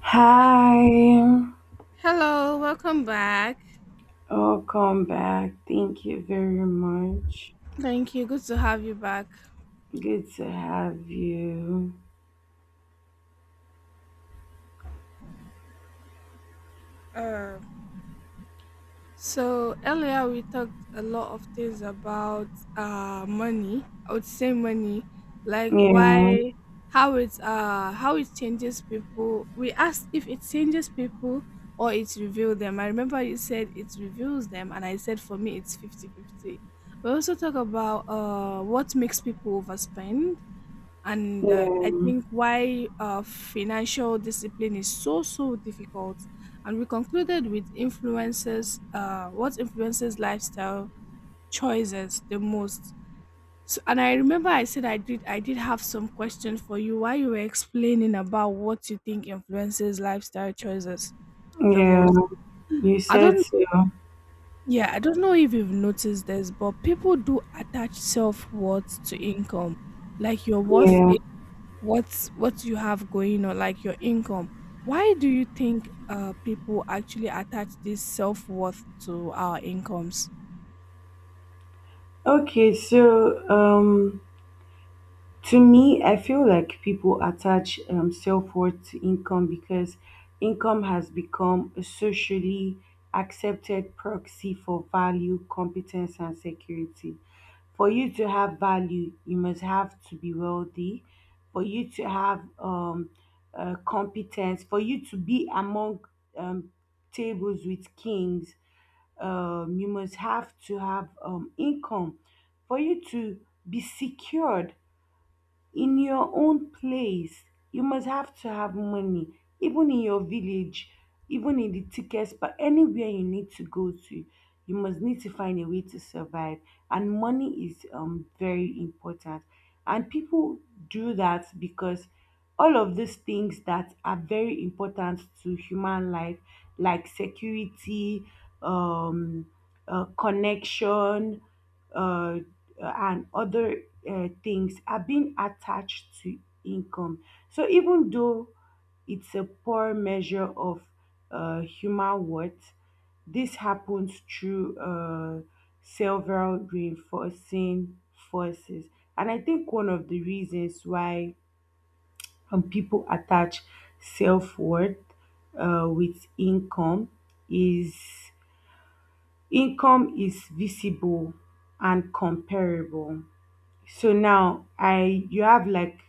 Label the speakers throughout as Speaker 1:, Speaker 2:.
Speaker 1: Hi,
Speaker 2: Hello, welcome back.
Speaker 1: welcome back. Thank you very much.
Speaker 2: Thank you. Good to have you back.
Speaker 1: Good to have you.
Speaker 2: Uh, so earlier we talked a lot of things about money. I would say money, like
Speaker 1: Yeah,
Speaker 2: why, how it changes people. We asked if it changes people or it reveals them. I remember you said it reveals them, and I said for me it's 50-50. We also talk about what makes people overspend and I
Speaker 1: yeah,
Speaker 2: think why financial discipline is so difficult, and we concluded with influences what influences lifestyle choices the most. So, and I remember I said I did have some question for you while you were explaining about what you think influences lifestyle choices the
Speaker 1: yeah.
Speaker 2: most.
Speaker 1: You
Speaker 2: i
Speaker 1: said
Speaker 2: don't
Speaker 1: so.
Speaker 2: yeah i don't know if you've noticed this, but people do attach self-worth to income, like your worth,
Speaker 1: Yeah.
Speaker 2: what you have going on, like your income. Why do you think people actually attach this self-worth to our incomes?
Speaker 1: Okay, so to me, I feel like people attach self worth to income because income has become a socially accepted proxy for value, competence, and security. For you to have value, you must have to be wealthy. For you to have competence, for you to be among um, tables with kings, you must have to have income. For you to be secured, in your own place you must have to have money, even in your village, even in the tickets, but anywhere you need to go to you must need to find a way to survive. And money is very important, and people do that because all of these things that are very important to human life like security, um connection, uh and other things are being attached to income. So even though it's a poor measure of human worth, this happens through several reinforcing forces. And I think one of the reasons why people attach self worth with is income is visible and comparable. So now I you have like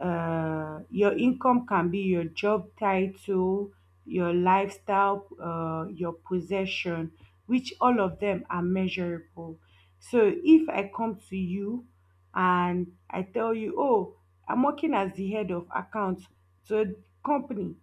Speaker 1: your income can be your job title, your lifestyle, your possession, which all of them are measurable. So if I come to you and I tell you, oh, I'm working as the head of accounts to a company,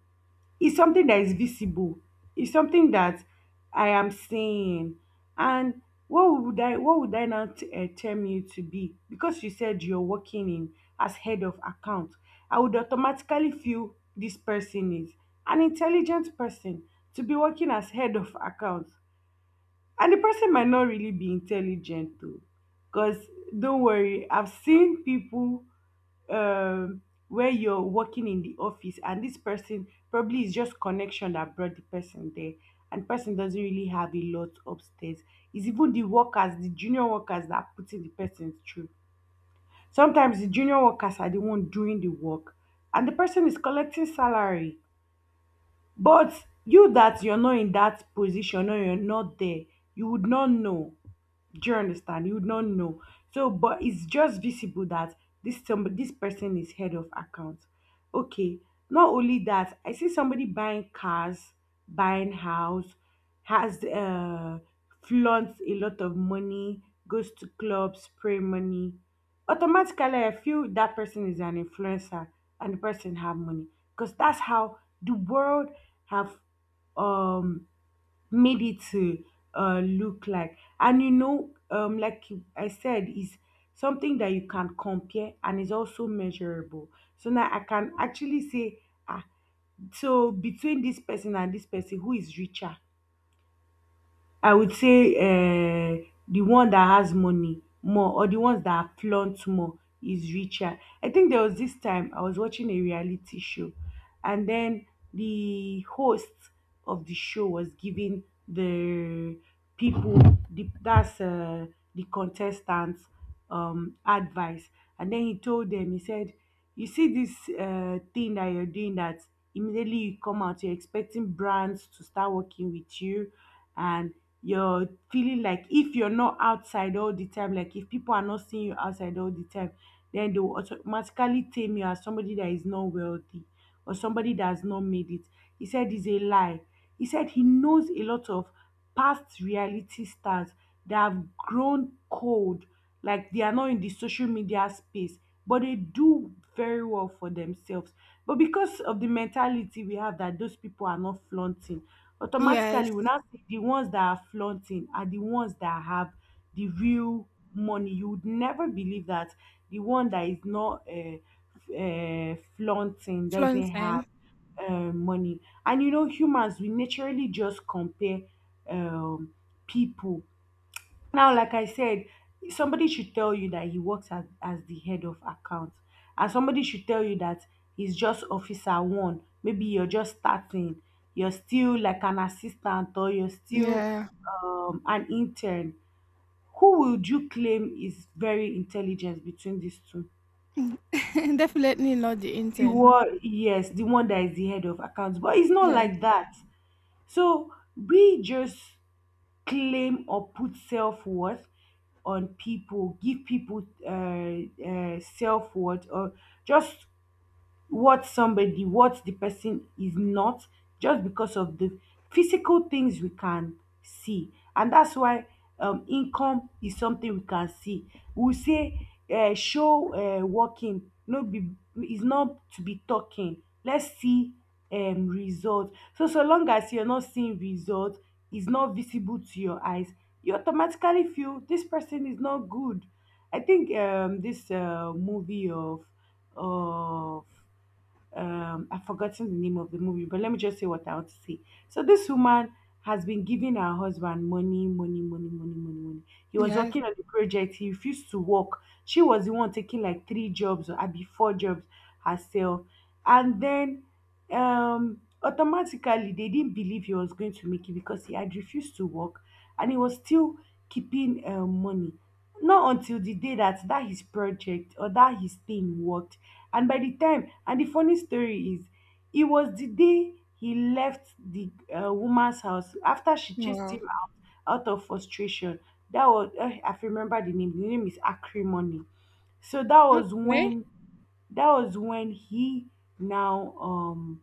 Speaker 1: it's something that is visible. It's something that I am seeing. And what would I now term you to be? Because you said you're working in as head of account, I would automatically feel this person is an intelligent person to be working as head of account. And the person might not really be intelligent though. Because don't worry, I've seen people um where you're working in the office and this person probably is just connection that brought the person there, and person doesn't really have a lot upstairs. It's even the junior workers that are putting the person through. Sometimes the junior workers are the one doing the work, and the person is collecting salary. But you that you're not in that position or you're not there, you would not know. Do you understand? You would not know. So, but it's just visible that this somebody, this person is head of account. Okay. Not only that, I see somebody buying cars, buying house, has flaunts a lot of money, goes to clubs, spray money, automatically I feel that person is an influencer and the person have money because that's how the world have um made it to look like. And you know, like I said, is something that you can compare and is also measurable. So now I can actually say, ah, so between this person and this person who is richer, I would say the one that has money more or the ones that flaunt more is richer. I think there was this time I was watching a reality show, and then the host of the show was giving the people the, that's the contestants, advice. And then he told them, he said, you see this thing that you're doing, that immediately you come out, you're expecting brands to start working with you, and you're feeling like if you're not outside all the time, like if people are not seeing you outside all the time, then they will automatically tame you as somebody that is not wealthy or somebody that has not made it. He said, it's a lie. He said he knows a lot of past reality stars that have grown cold, like they are not in the social media space, but they do very well for themselves. But because of the mentality we have that those people are not flaunting, automatically
Speaker 2: Yes,
Speaker 1: we now see the ones that are flaunting are the ones that have the real money. You would never believe that the one that is not flaunting doesn't have
Speaker 2: flaunting.
Speaker 1: money. And you know, humans, we naturally just compare um, people. Now, like I said, somebody should tell you that he works as the head of accounts, and somebody should tell you that he's just officer one. Maybe you're just starting, you're still like an assistant, or you're still
Speaker 2: Yeah,
Speaker 1: an intern. Who would you claim is very intelligent between these two?
Speaker 2: definitely not the
Speaker 1: The
Speaker 2: intent.
Speaker 1: one, yes, the one that is the head of accounts, but it's not
Speaker 2: Yes,
Speaker 1: like that. So we just claim or put self worth on people, give people self worth, or just what somebody, what the person is not, just because of the physical things we can see. And that's why income is something we can see. We say, show working, no, be, is not to be talking. Let's see results. So, so long as you're not seeing results, is not visible to your eyes, you automatically feel this person is not good. I think this movie of I've forgotten the name of the movie, but let me just say what I want to say. So this woman has been giving her husband money, money, money, money, money, money. He was
Speaker 2: yes.
Speaker 1: working on the project. He refused to work. She was the one taking like three jobs or maybe four jobs herself. And then automatically they didn't believe he was going to make it because he had refused to work and he was still keeping money. Not until the day that his project or that his thing worked, and by the time, and the funny story is, it was the day he left the woman's house after she chased
Speaker 2: Wow.
Speaker 1: him out out of frustration. That was, I remember the name. The name is Acrimony. So that was
Speaker 2: Okay,
Speaker 1: when, that was when he now um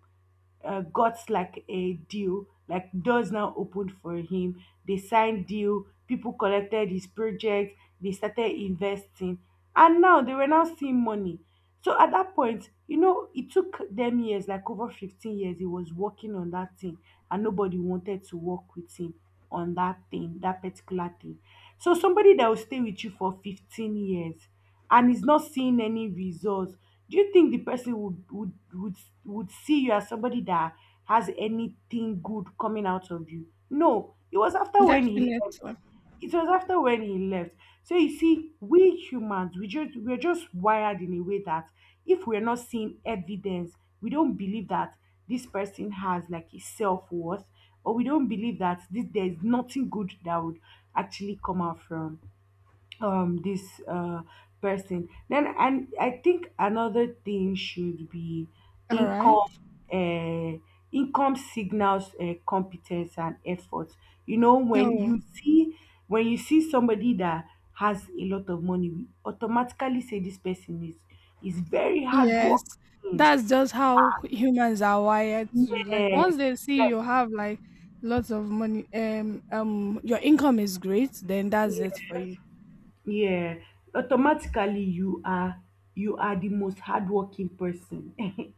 Speaker 1: uh, got like a deal, like doors now opened for him. They signed deal, people collected his project, they started investing, and now they were now seeing money. So at that point, you know, it took them years, like over 15 years, he was working on that thing, and nobody wanted to work with him on that thing, that particular thing. So somebody that will stay with you for 15 years and is not seeing any results, do you think the person would see you as somebody that has anything good coming out of you? No. It was after when he left.
Speaker 2: definitely.
Speaker 1: It was after when he left. So you see, we humans, we're just wired in a way that if we're not seeing evidence, we don't believe that this person has like a self worth, or we don't believe that this, there's nothing good that would actually come out from this person. Then, and I think another thing should be
Speaker 2: All right.
Speaker 1: income, uh income signals competence and effort. You know when
Speaker 2: Oh,
Speaker 1: you see when you see somebody that has a lot of money, we automatically say this person is very
Speaker 2: yes.
Speaker 1: hardworking.
Speaker 2: That's just how humans are wired to. Like
Speaker 1: Yes,
Speaker 2: once they see
Speaker 1: like,
Speaker 2: you have like lots of money, your income is great, then that's it for
Speaker 1: yes,
Speaker 2: you.
Speaker 1: yeah, automatically you are, you are the most hardworking person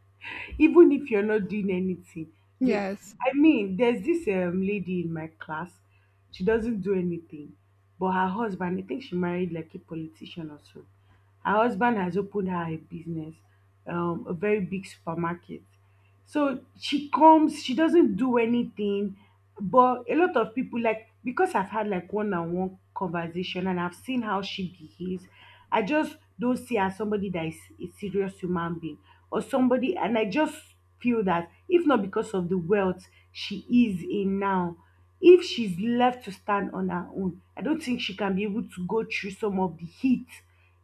Speaker 1: even if you're not doing anything. They,
Speaker 2: Yes.
Speaker 1: I mean, there's this lady in my class, she doesn't do anything, but her husband, I think she married like a politician or so. Her husband has opened her a business, a very big supermarket. So she comes, she doesn't do anything. But a lot of people like, because I've had like one-on-one conversation and I've seen how she behaves, I just don't see her as somebody that is a serious human being or somebody, and I just feel that if not because of the wealth she is in now, if she's left to stand on her own, I don't think she can be able to go through some of the heat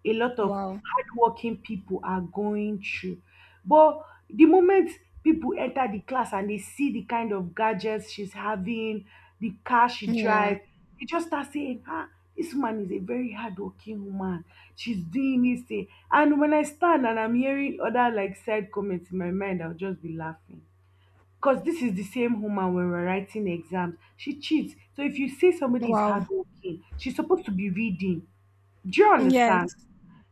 Speaker 1: a lot of
Speaker 2: Wow.
Speaker 1: hardworking people are going through. But the moment people enter the class and they see the kind of gadgets she's having, the car she
Speaker 2: Yeah.
Speaker 1: drives, they just start saying, ah, this woman is a very hardworking woman. She's doing this thing. And when I stand and I'm hearing other like side comments in my mind, I'll just be laughing. Because this is the same woman when we're writing exams. She cheats. So if you say somebody is
Speaker 2: Wow.
Speaker 1: hardworking, she's supposed to be reading. Do you understand?
Speaker 2: Yes.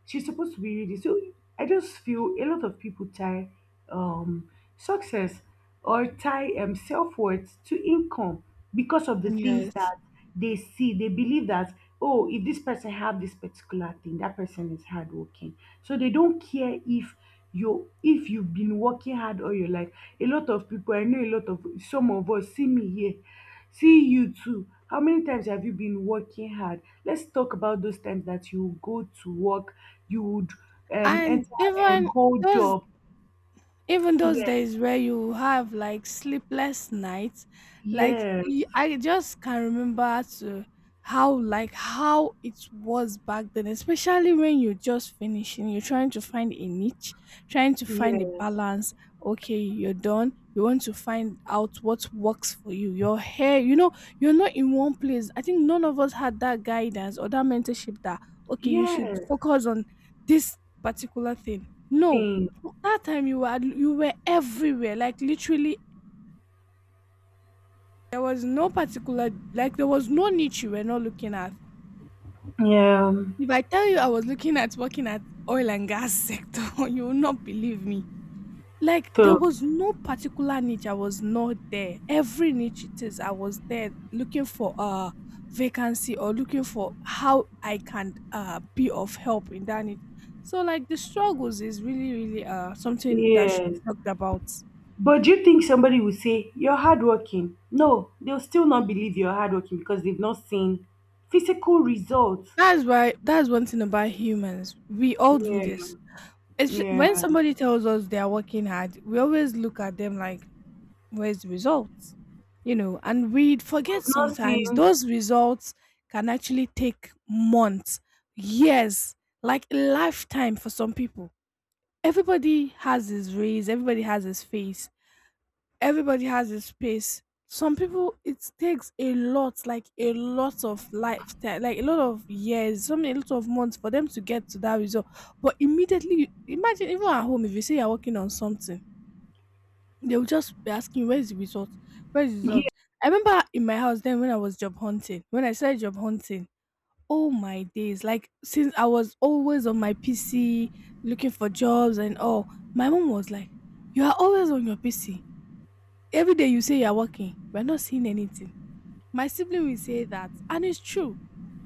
Speaker 1: She's supposed to be ready. So I just feel a lot of people tie um, success or tie self worth to income because of the things
Speaker 2: Yes.
Speaker 1: that they see. They believe that oh, if this person have this particular thing, that person is hardworking. So they don't care if you if you've been working hard all your life. A lot of people, I know a lot of some of us see me here, see you too. How many times have you been working hard? Let's talk about those times that you go to work. You would
Speaker 2: And
Speaker 1: enter and hold
Speaker 2: those
Speaker 1: up.
Speaker 2: even those
Speaker 1: yes
Speaker 2: days where you have like sleepless nights, like
Speaker 1: yes
Speaker 2: I just can remember to how like how it was back then, especially when you're just finishing, you're trying to find a niche, trying to find a
Speaker 1: yes
Speaker 2: balance. Okay, you're done, you want to find out what works for you, your hair, you know, you're not in one place. I think none of us had that guidance or that mentorship that okay, you should
Speaker 1: yes
Speaker 2: focus on this particular thing. No,
Speaker 1: thing
Speaker 2: well, that time you were everywhere, like literally there was no particular like there was no niche you were not looking at.
Speaker 1: yeah
Speaker 2: If I tell you I was looking at working at oil and gas sector, you will not believe me. Like there
Speaker 1: so
Speaker 2: was no particular niche I was not there. Every niche it is, I was there looking for a vacancy or looking for how I can be of help in that niche. So like the struggles is really something that should be
Speaker 1: yes
Speaker 2: talked about.
Speaker 1: But do you think somebody will say you're hardworking? No, they'll still not believe you're hardworking because they've not seen physical results.
Speaker 2: That's why that's one thing about humans. We all do this.
Speaker 1: Yeah,
Speaker 2: It's when
Speaker 1: yeah.
Speaker 2: somebody tells us they are working hard, we always look at them like, where's the results? You know, and we forget
Speaker 1: We've not
Speaker 2: sometimes
Speaker 1: seen.
Speaker 2: those results can actually take months, years, like a lifetime for some people. Everybody has his race, everybody has his face, everybody has a space. Some people it takes a lot, like a lot of lifetime, like a lot of years, so many a lot of months for them to get to that result. But immediately imagine even at home if you say you're working on something, they will just be asking where's the result? Where's the
Speaker 1: Yeah,
Speaker 2: result? I remember in my house then when I was job hunting, when I started job hunting, oh my days, like since I was always on my PC looking for jobs and all, my mom was like, you are always on your PC. Every day you say you're working, we're not seeing anything. My sibling will say that, and it's true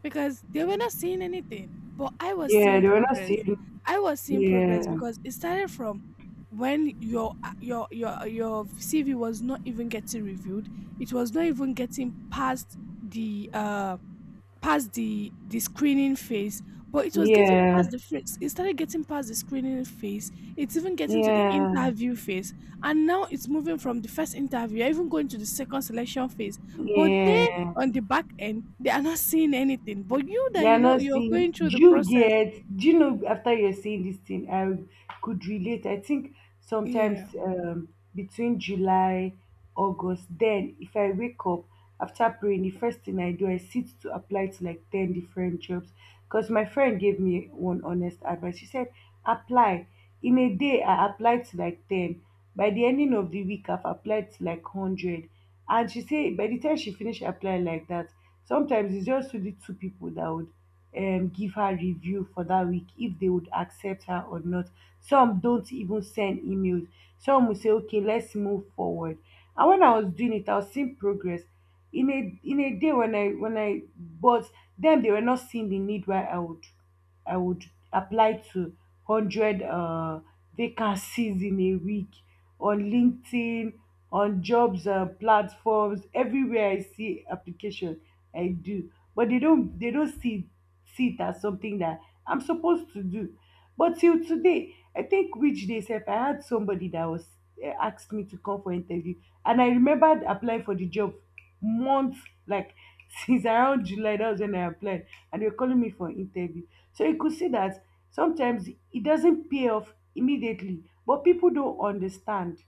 Speaker 2: because they were not seeing anything, but I was
Speaker 1: yeah.
Speaker 2: seeing
Speaker 1: They were not
Speaker 2: progress.
Speaker 1: seeing.
Speaker 2: I was seeing progress
Speaker 1: Yeah,
Speaker 2: because it started from when your your CV was not even getting reviewed. It was not even getting past the past the screening phase, but it was getting past
Speaker 1: yeah,
Speaker 2: the phase. It started getting past the screening phase. It's even getting to the
Speaker 1: yeah,
Speaker 2: interview phase, and now it's moving from the first interview, you're even going to the second selection phase. But they
Speaker 1: yeah.
Speaker 2: on the back end, they are not seeing anything. But you
Speaker 1: They
Speaker 2: that
Speaker 1: are
Speaker 2: you know
Speaker 1: not
Speaker 2: you're
Speaker 1: seeing.
Speaker 2: going through
Speaker 1: Do
Speaker 2: the
Speaker 1: you
Speaker 2: process.
Speaker 1: get? Do you know? After you're seeing this thing, I could relate. I think sometimes,
Speaker 2: Yeah.
Speaker 1: between July, August. Then if I wake up after praying, the first thing I do, I sit to apply to like 10 different jobs. Because my friend gave me one honest advice. She said, apply. In a day, I applied to like 10. By the ending of the week, I've applied to like 100. And she said, by the time she finished applying like that, sometimes it's just only two people that would give her review for that week, if they would accept her or not. Some don't even send emails. Some will say, okay, let's move forward. And when I was doing it, I was seeing progress in a day when I but then they were not seeing the need why I would apply to hundred vacancies in a week on LinkedIn, on jobs platforms. Everywhere I see application, I do. But they don't see it as something that I'm supposed to do. But till today, I think which day, if I had somebody that was asked me to come for interview, and I remembered applying for the job months, like since around July, that was when I applied, and they were calling me for an interview. So you could see that sometimes it doesn't pay off immediately, but people don't understand.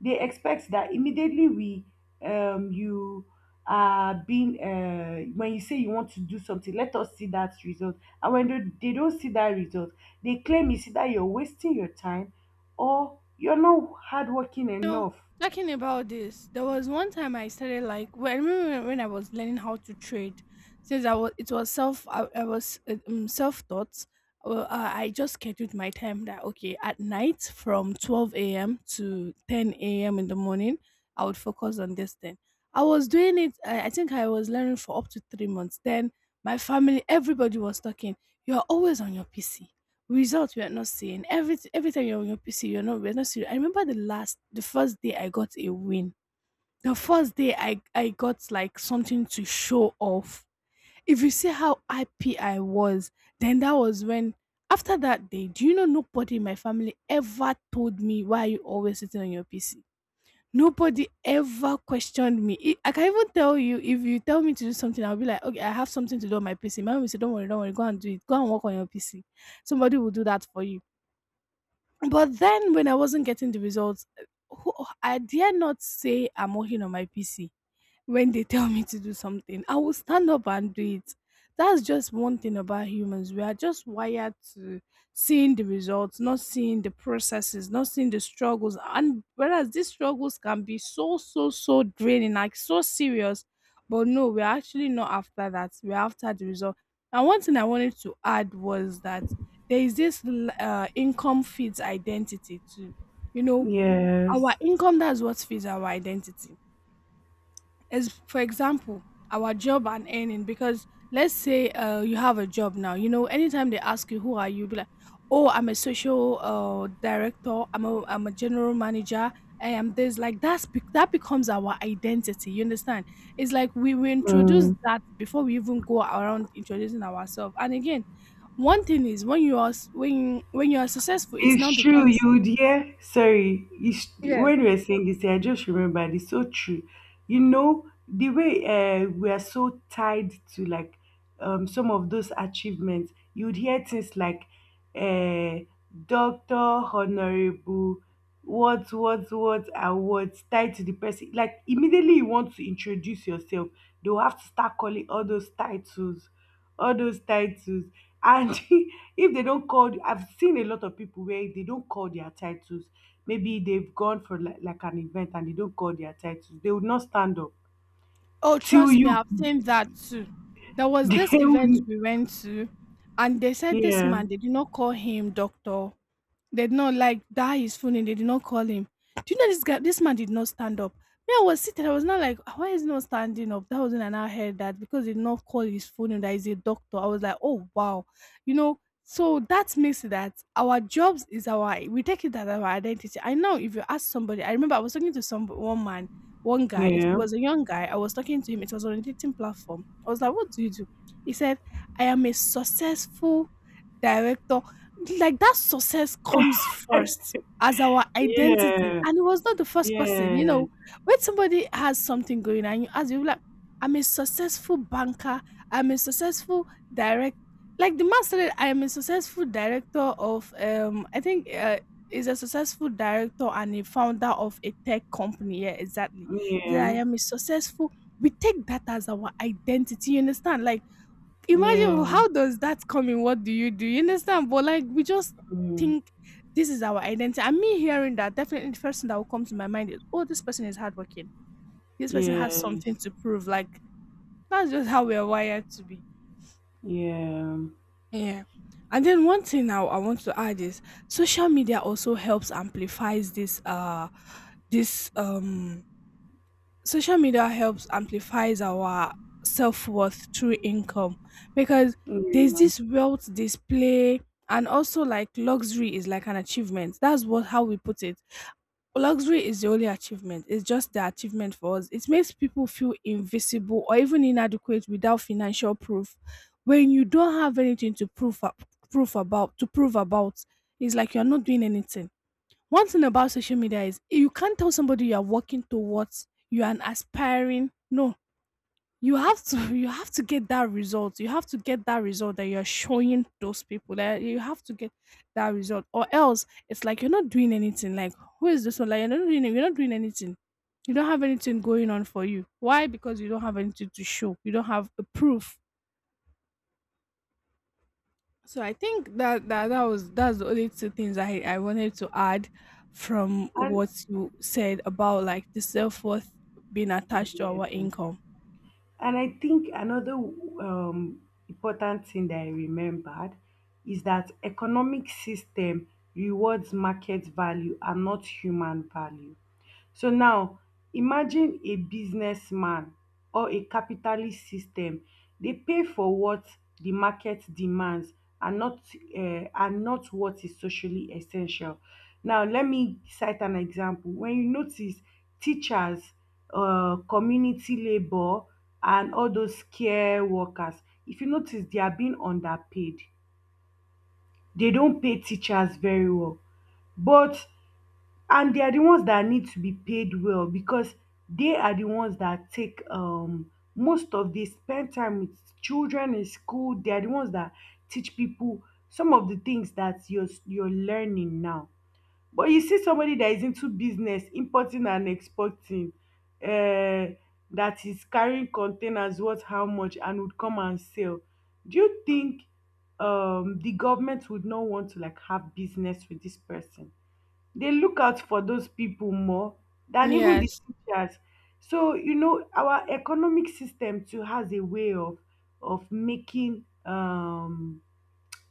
Speaker 1: They expect that immediately we you are being when you say you want to do something, let us see that result. And when they don't see that result, they claim it's either you're wasting your time or you're not hardworking
Speaker 2: Know,
Speaker 1: enough.
Speaker 2: talking about this, there was one time I started like well, I remember when I was learning how to trade. Since I was, it was self, I was self taught. Well, I just scheduled my time that okay at night from 12 a.m. to ten a.m. in the morning, I would focus on this thing. I was doing it. I think I was learning for up to 3 months. Then my family, everybody was talking. You are always on your PC, results we are not seeing. Every time you're on your PC, you're not we're not seeing. I remember the first day I got a win. The first day I got like something to show off. If you see how happy I was, then that was when, after that day, do you know nobody in my family ever told me why are you always sitting on your PC? Nobody ever questioned me. I can even tell you if you tell me to do something, I'll be like, okay, I have something to do on my PC. My mom will say, don't worry, go and do it. Go and work on your PC. Somebody will do that for you, but then when I wasn't getting the results, who, I dare not say I'm working on my PC. When they tell me to do something, I will stand up and do it. That's just one thing about humans. We are just wired to seeing the results, not seeing the processes, not seeing the struggles. And whereas these struggles can be so, so, so draining, like so serious. But no, we're actually not after that. We're after the result. And one thing I wanted to add was that there is this income feeds identity too. You know, our
Speaker 1: Yes.
Speaker 2: income, that's what feeds our identity, as for example our job and earning, because let's say you have a job now, you know anytime they ask you who are you, be like, oh, I'm a social director, I'm a general manager, I am this, like that's that becomes our identity, you understand? It's like we introduce
Speaker 1: Mm.
Speaker 2: that before we even go around introducing ourselves. And again, one thing is when you are when you are successful, it's
Speaker 1: It's
Speaker 2: now
Speaker 1: true. You
Speaker 2: becomes,
Speaker 1: would hear, sorry,
Speaker 2: yeah.
Speaker 1: when we were saying this, I just remembered, it's so true. You know, the way, we are so tied to like, some of those achievements. You would hear things like, uh, doctor, honorable, what awards tied to the person. Like, immediately you want to introduce yourself, they'll have to start calling all those titles, all those titles. And if they don't call, I've seen a lot of people where they don't call their titles. Maybe they've gone for like an event, and they don't call their titles. They would not stand up
Speaker 2: Oh,
Speaker 1: till
Speaker 2: trust me,
Speaker 1: you.
Speaker 2: I've seen that too. There was
Speaker 1: They
Speaker 2: this event
Speaker 1: will.
Speaker 2: we went to, and they said this
Speaker 1: Yeah,
Speaker 2: man, they did not call him doctor. They did not like die his phone and they did not call him. Do you know this guy this man did not stand up? Me, I was seated, I was not like, "Ah, why is he not standing up?" That wasn't, and I heard that because he did not call his phone and that he's a doctor. I was like, oh wow. You know, so that makes it that our jobs is our, we take it as our identity. I know if you ask somebody, I remember I was talking to some one man, one guy, it
Speaker 1: yeah,
Speaker 2: was a young guy. I was talking to him, it was on a dating platform. I was like, what do you do? He said, I am a successful director, like, that success comes first as our identity,
Speaker 1: yeah,
Speaker 2: and he was not the first person, you
Speaker 1: yeah,
Speaker 2: know? When somebody has something going and you ask, you like, "I'm a successful banker, I'm a successful direct," like, the man said "I am a successful director of," I think, is a successful director and a founder of a tech company, yeah, exactly. He said, "I
Speaker 1: yeah,
Speaker 2: am a successful," we take that as our identity, you understand? Like imagine,
Speaker 1: yeah,
Speaker 2: oh, how does that come in? What do? You understand? But like we just
Speaker 1: mm,
Speaker 2: think this is our identity. And me hearing that, definitely the first thing that will come to my mind is, oh, this person is hardworking. This person has
Speaker 1: yes,
Speaker 2: something to prove. Like that's just how we are wired to be.
Speaker 1: yeah,
Speaker 2: Yeah. And then one thing now I want to add is social media also helps amplifies this this social media helps amplifies our self-worth through income, because there's
Speaker 1: yeah.
Speaker 2: this wealth display, and also like luxury is like an achievement, that's what how we put it. Luxury is the only achievement, it's just the achievement for us. It makes people feel invisible or even inadequate without financial proof. When you don't have anything to prove up, proof about to prove about, it's like you're not doing anything. One thing about social media is you can't tell somebody you are working towards, you are an aspiring. No, you have to you have to get that result. You have to get that result that you're showing those people. That you have to get that result, or else it's like you're not doing anything. Like who is this one? Like you're not doing anything. You don't have anything going on for you. Why? Because you don't have anything to show. You don't have a proof. So I think that's the only two things I wanted to add from
Speaker 1: And
Speaker 2: what you said about like the self worth being attached to our
Speaker 1: yeah.
Speaker 2: income.
Speaker 1: And I think another, important thing that I remembered is that economic system rewards market value and not human value. So now imagine a businessman or a capitalist system dey pay for what the market demands and not what is socially essential. Now let me cite an example. When you notice teachers, um, community labour, and all those care workers, if you notice they are being underpaid. They don pay teachers very well, but, and they are the ones that need to be paid well, because they are the ones that take, um, most of, they spend time with children in school. They are the ones that teach people some of the things that you're learning now. But you see somebody that is into business, importing and exporting, uh that is carrying containers worth how much and would come and sell. Do you think the government would not want to like have business with this person? They look out for those people more than even the
Speaker 2: Yes.
Speaker 1: teachers. So, you know, our economic system too has a way of of making um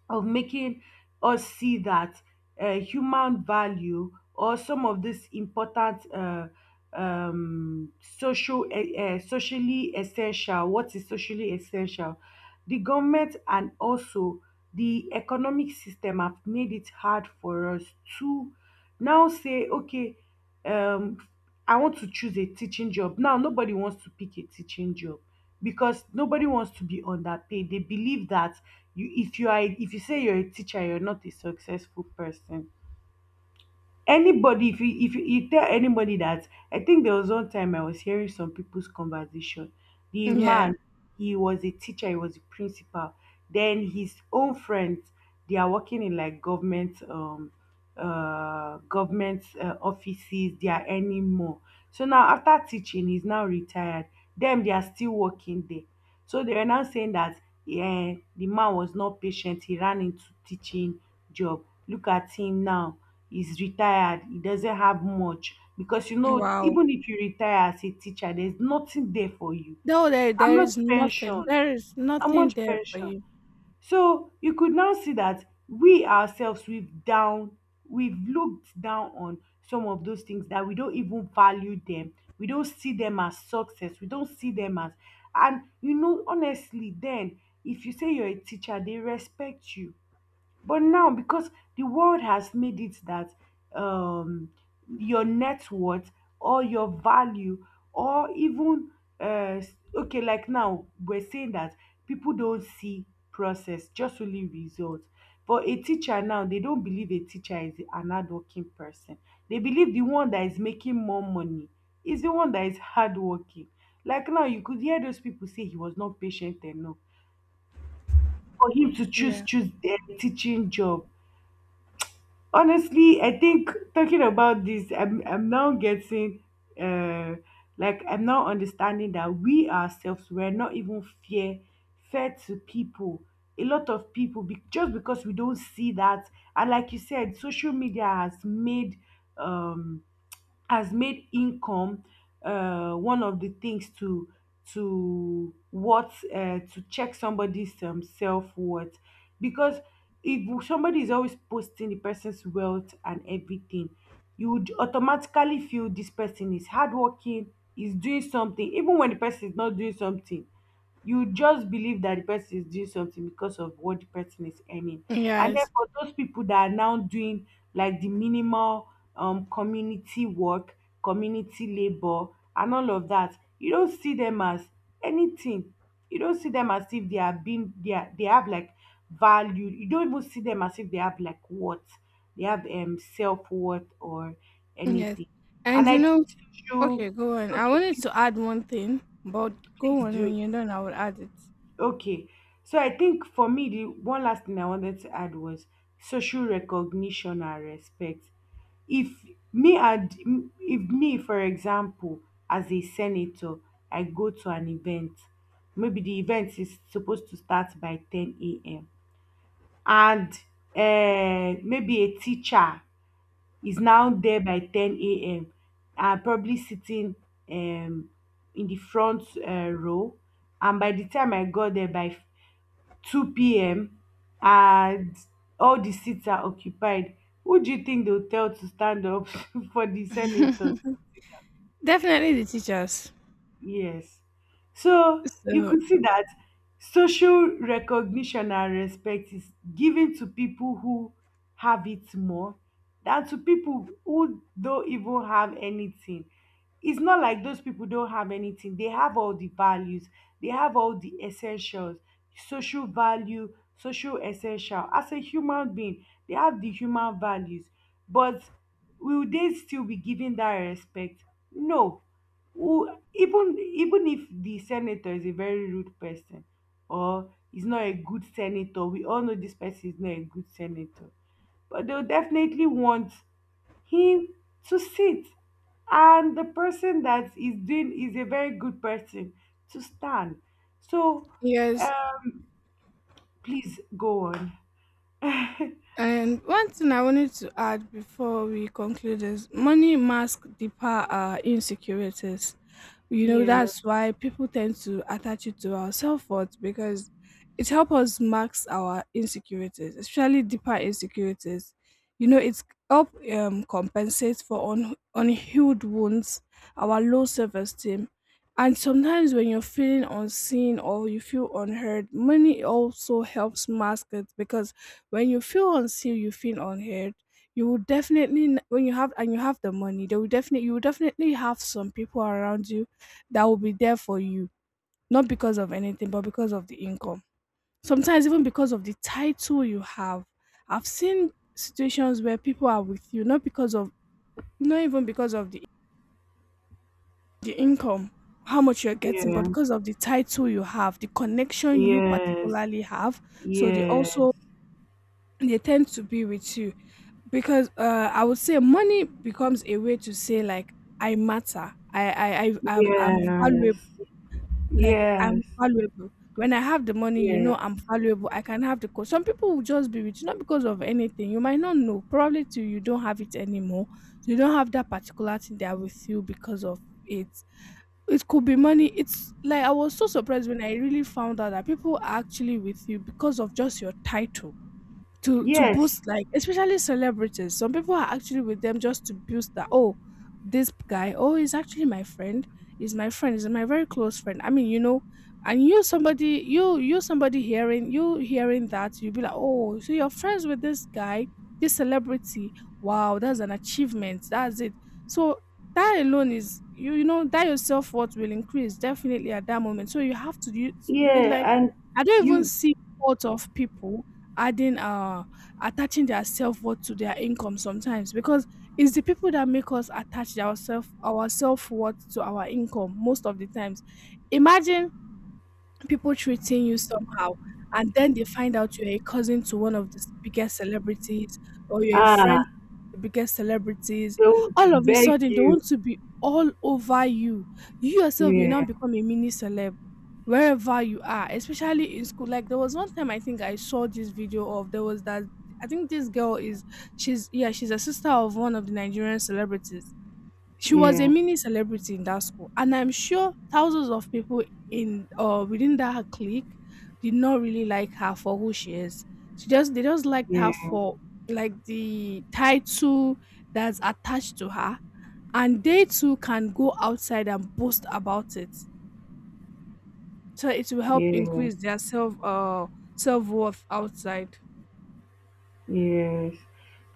Speaker 1: making us see that, human value, or some of these important, social, socially essential, what is socially essential. The government and also the economic system have made it hard for us to now say, okay, um, I want to choose a teaching job. Now nobody wants to pick a teaching job because nobody wants to be underpaid. They believe that, you if you are if you say you're a teacher, you're not a successful person. Anybody, if you, you tell anybody that, I think there was one time I was hearing some people's conversation. The
Speaker 2: Yeah.
Speaker 1: man, he was a teacher, he was a principal. Then his own friends, they are working in like government, government, offices. They are earning more. So now after teaching, he's now retired. Them, they are still working there. So they were now saying that, eh, the man was not patient. He ran into teaching job. Look at him now. He's retired. He doesn't have much because, you know,
Speaker 2: Wow.
Speaker 1: even if you retire as a teacher, there's nothing there for you.
Speaker 2: No, there
Speaker 1: How
Speaker 2: there
Speaker 1: much
Speaker 2: is nothing.
Speaker 1: pension?
Speaker 2: There is
Speaker 1: How
Speaker 2: nothing
Speaker 1: much
Speaker 2: there for
Speaker 1: pension?
Speaker 2: you.
Speaker 1: So you could now see that we ourselves we've looked down on some of those things that we don't even value them. We don't see them as success. We don't see them as, and you know, honestly, then if you say you're a teacher, they respect you. But now, because the world has made it that, um, your net worth, or your value, or even, uh, okay, like now, we're saying that people don't see process, just only results. For a teacher now, they don't believe a teacher is an hardworking person. They believe the one that is making more money is the one that is hardworking. Like now, you could hear those people say he was not patient enough for him to choose
Speaker 2: Yeah.
Speaker 1: choose the teaching job. Honestly, I think talking about this, I'm now getting, uh I'm now understanding that we ourselves were not even fair fair to people, a lot of people, just because we don't see that. And like you said, social media has made, um income, one of the things to what to check somebody's, self worth. Because if somebody is always posting the person's wealth and everything, you would automatically feel this person is hardworking, is doing something, even when the person is not doing something. You just believe that the person is doing something because of what the person is earning. And then
Speaker 2: Yes.
Speaker 1: for those people that are now doing like the minimal, community work, community labor, and all of that, you don't see them as anything. You don't see them as if they are being they are, they have like value. You don't even see them as if they have like what they have, um, self worth or
Speaker 2: Yes.
Speaker 1: anything.
Speaker 2: And
Speaker 1: And I
Speaker 2: you know,
Speaker 1: think social,
Speaker 2: okay, go on. I
Speaker 1: okay,
Speaker 2: wanted to add one thing, but
Speaker 1: please
Speaker 2: go on
Speaker 1: do.
Speaker 2: when you're done. I will add it.
Speaker 1: Okay. So I think for me, the one last thing I wanted to add was social recognition and respect. If me and if me, for example, as a senator, I go to an event, maybe the event is supposed to start by 10 a.m. and, maybe a teacher is now there by 10 a.m. and probably sitting, um, in the front, row. And by the time I got there by 2 p.m., and all the seats are occupied, who do you think they'll tell to stand up for the senators?
Speaker 2: Definitely the teachers.
Speaker 1: Yes. So you
Speaker 2: So
Speaker 1: could see that social recognition and respect is given to people who have it more than to people who don't even have anything. It's not like those people don't have anything. They have all the values, they have all the essentials, social value, social essential. As a human being, they have the human values. But will they still be given that respect? No. Who, even even if the senator is a very rude person, or is not a good senator, we all know this person is not a good senator, but they'll definitely want him to sit, and the person that is doing is a very good person to stand. So,
Speaker 2: yes,
Speaker 1: uh, please go on.
Speaker 2: and one thing I wanted to add before we conclude is money masks deeper insecurities. You know,
Speaker 1: yeah
Speaker 2: that's why people tend to attach it to our self worth because it helps us mask our insecurities, especially deeper insecurities. You know, it's help compensate for unhealed wounds, our low self esteem. And sometimes when you're feeling unseen or you feel unheard, money also helps mask it because when you feel unseen, you feel unheard. You will when you have and you have the money, they will definitely you will definitely have some people around you that will be there for you, not because of anything, but because of the income. Sometimes even because of the title you have. I've seen situations where people are with you not even because of the income, how much you're getting, but
Speaker 1: yeah
Speaker 2: because of the title you have, the connection you
Speaker 1: yes
Speaker 2: particularly have. So they
Speaker 1: yes
Speaker 2: also they tend to be with you because I would say money becomes a way to say like I matter, I'm
Speaker 1: yes
Speaker 2: valuable.
Speaker 1: yes
Speaker 2: Like
Speaker 1: yes
Speaker 2: I'm valuable when I have the money. You know,
Speaker 1: yes
Speaker 2: I'm valuable, I can have the code. Some people will just be rich not because of anything. You might not know probably till you don't have it anymore. You don't have that particular thing there with you because of it. It could be money. It's like I was so surprised when I really found out that people are actually with you because of just your title, to
Speaker 1: Yes,
Speaker 2: boost, like especially celebrities, some people are actually with them just to boost that. Oh, this guy, oh, he's actually my friend, he's my friend, he's my very close friend, I mean, you know. And you somebody you you somebody hearing you, hearing that, you'll be like, oh, so you're friends with this guy, this celebrity, wow, that's an achievement, that's it. So that alone is, you know, that your self-worth will increase definitely at that moment. So you have to use it
Speaker 1: Yeah,
Speaker 2: like,
Speaker 1: and
Speaker 2: I don't even
Speaker 1: you,
Speaker 2: see fault of people adding attaching their self-worth to their income sometimes, because it's the people that make us attach our self-worth to our income most of the times. Imagine people treating you somehow, and then they find out you're a cousin to one of the biggest celebrities or you're a friend
Speaker 1: ah,
Speaker 2: the biggest celebrities,
Speaker 1: they'll
Speaker 2: all of a
Speaker 1: beg
Speaker 2: sudden they
Speaker 1: you.
Speaker 2: want to be all over you. You yourself, you now
Speaker 1: Yeah,
Speaker 2: become a mini celeb wherever you are, especially in school. Like there was one time I think I saw this video of there was that I think this girl is, she's, yeah, she's a sister of one of the Nigerian celebrities. She was a
Speaker 1: yeah,
Speaker 2: mini celebrity in that school, and I'm sure thousands of people in within that clique did not really like her for who she is. She just They just liked her
Speaker 1: yeah,
Speaker 2: for like the title that's attached to her, and they too can go outside and boast about it. So it will help
Speaker 1: yes,
Speaker 2: increase their self worth outside.
Speaker 1: yes.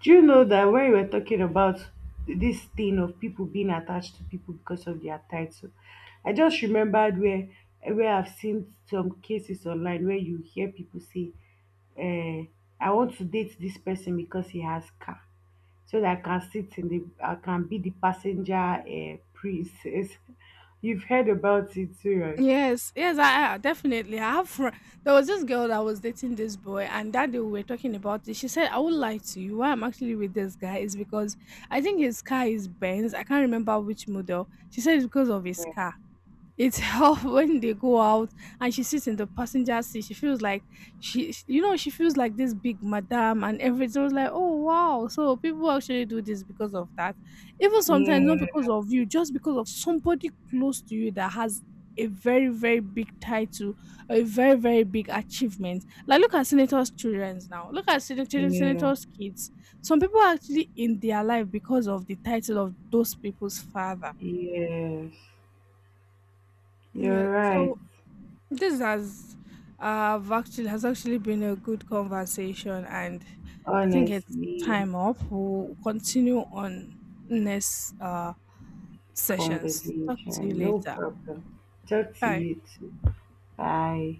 Speaker 1: Do you know that when we were talking about this thing of people being attached to people because of their title, I just remembered where I've seen some cases online where you hear people say, uh, I want to date this person because he has car, so that I can sit in the, I can be the passenger, princess. You've heard about it too,
Speaker 2: Yes, yes, I definitely. I have. There was this girl that was dating this boy, and that day we were talking about it. She said, "I would lie to you. Why I'm actually with this guy is because I think his car is Benz. I can't remember which model." She said it's because of his
Speaker 1: right?
Speaker 2: car. It's how when they go out and she sits in the passenger seat, she feels like you know, she feels like this big madam and everything. I was like, oh wow, so people actually do this because of that. Even sometimes not
Speaker 1: Yeah,
Speaker 2: because of you, just because of somebody close to you that has a very very big title, a very very big achievement. Like look at senators' childrens now. Look at
Speaker 1: yeah.
Speaker 2: senators' kids. Some people are actually in their life because of the title of those people's father.
Speaker 1: yes.
Speaker 2: Yeah.
Speaker 1: You're right.
Speaker 2: So this has actually been a good conversation, and I think it's
Speaker 1: Honestly,
Speaker 2: time up. We'll continue on next sessions. Talk to you
Speaker 1: conversation, no
Speaker 2: later.
Speaker 1: problem. Talk to
Speaker 2: Bye.
Speaker 1: you too. Bye.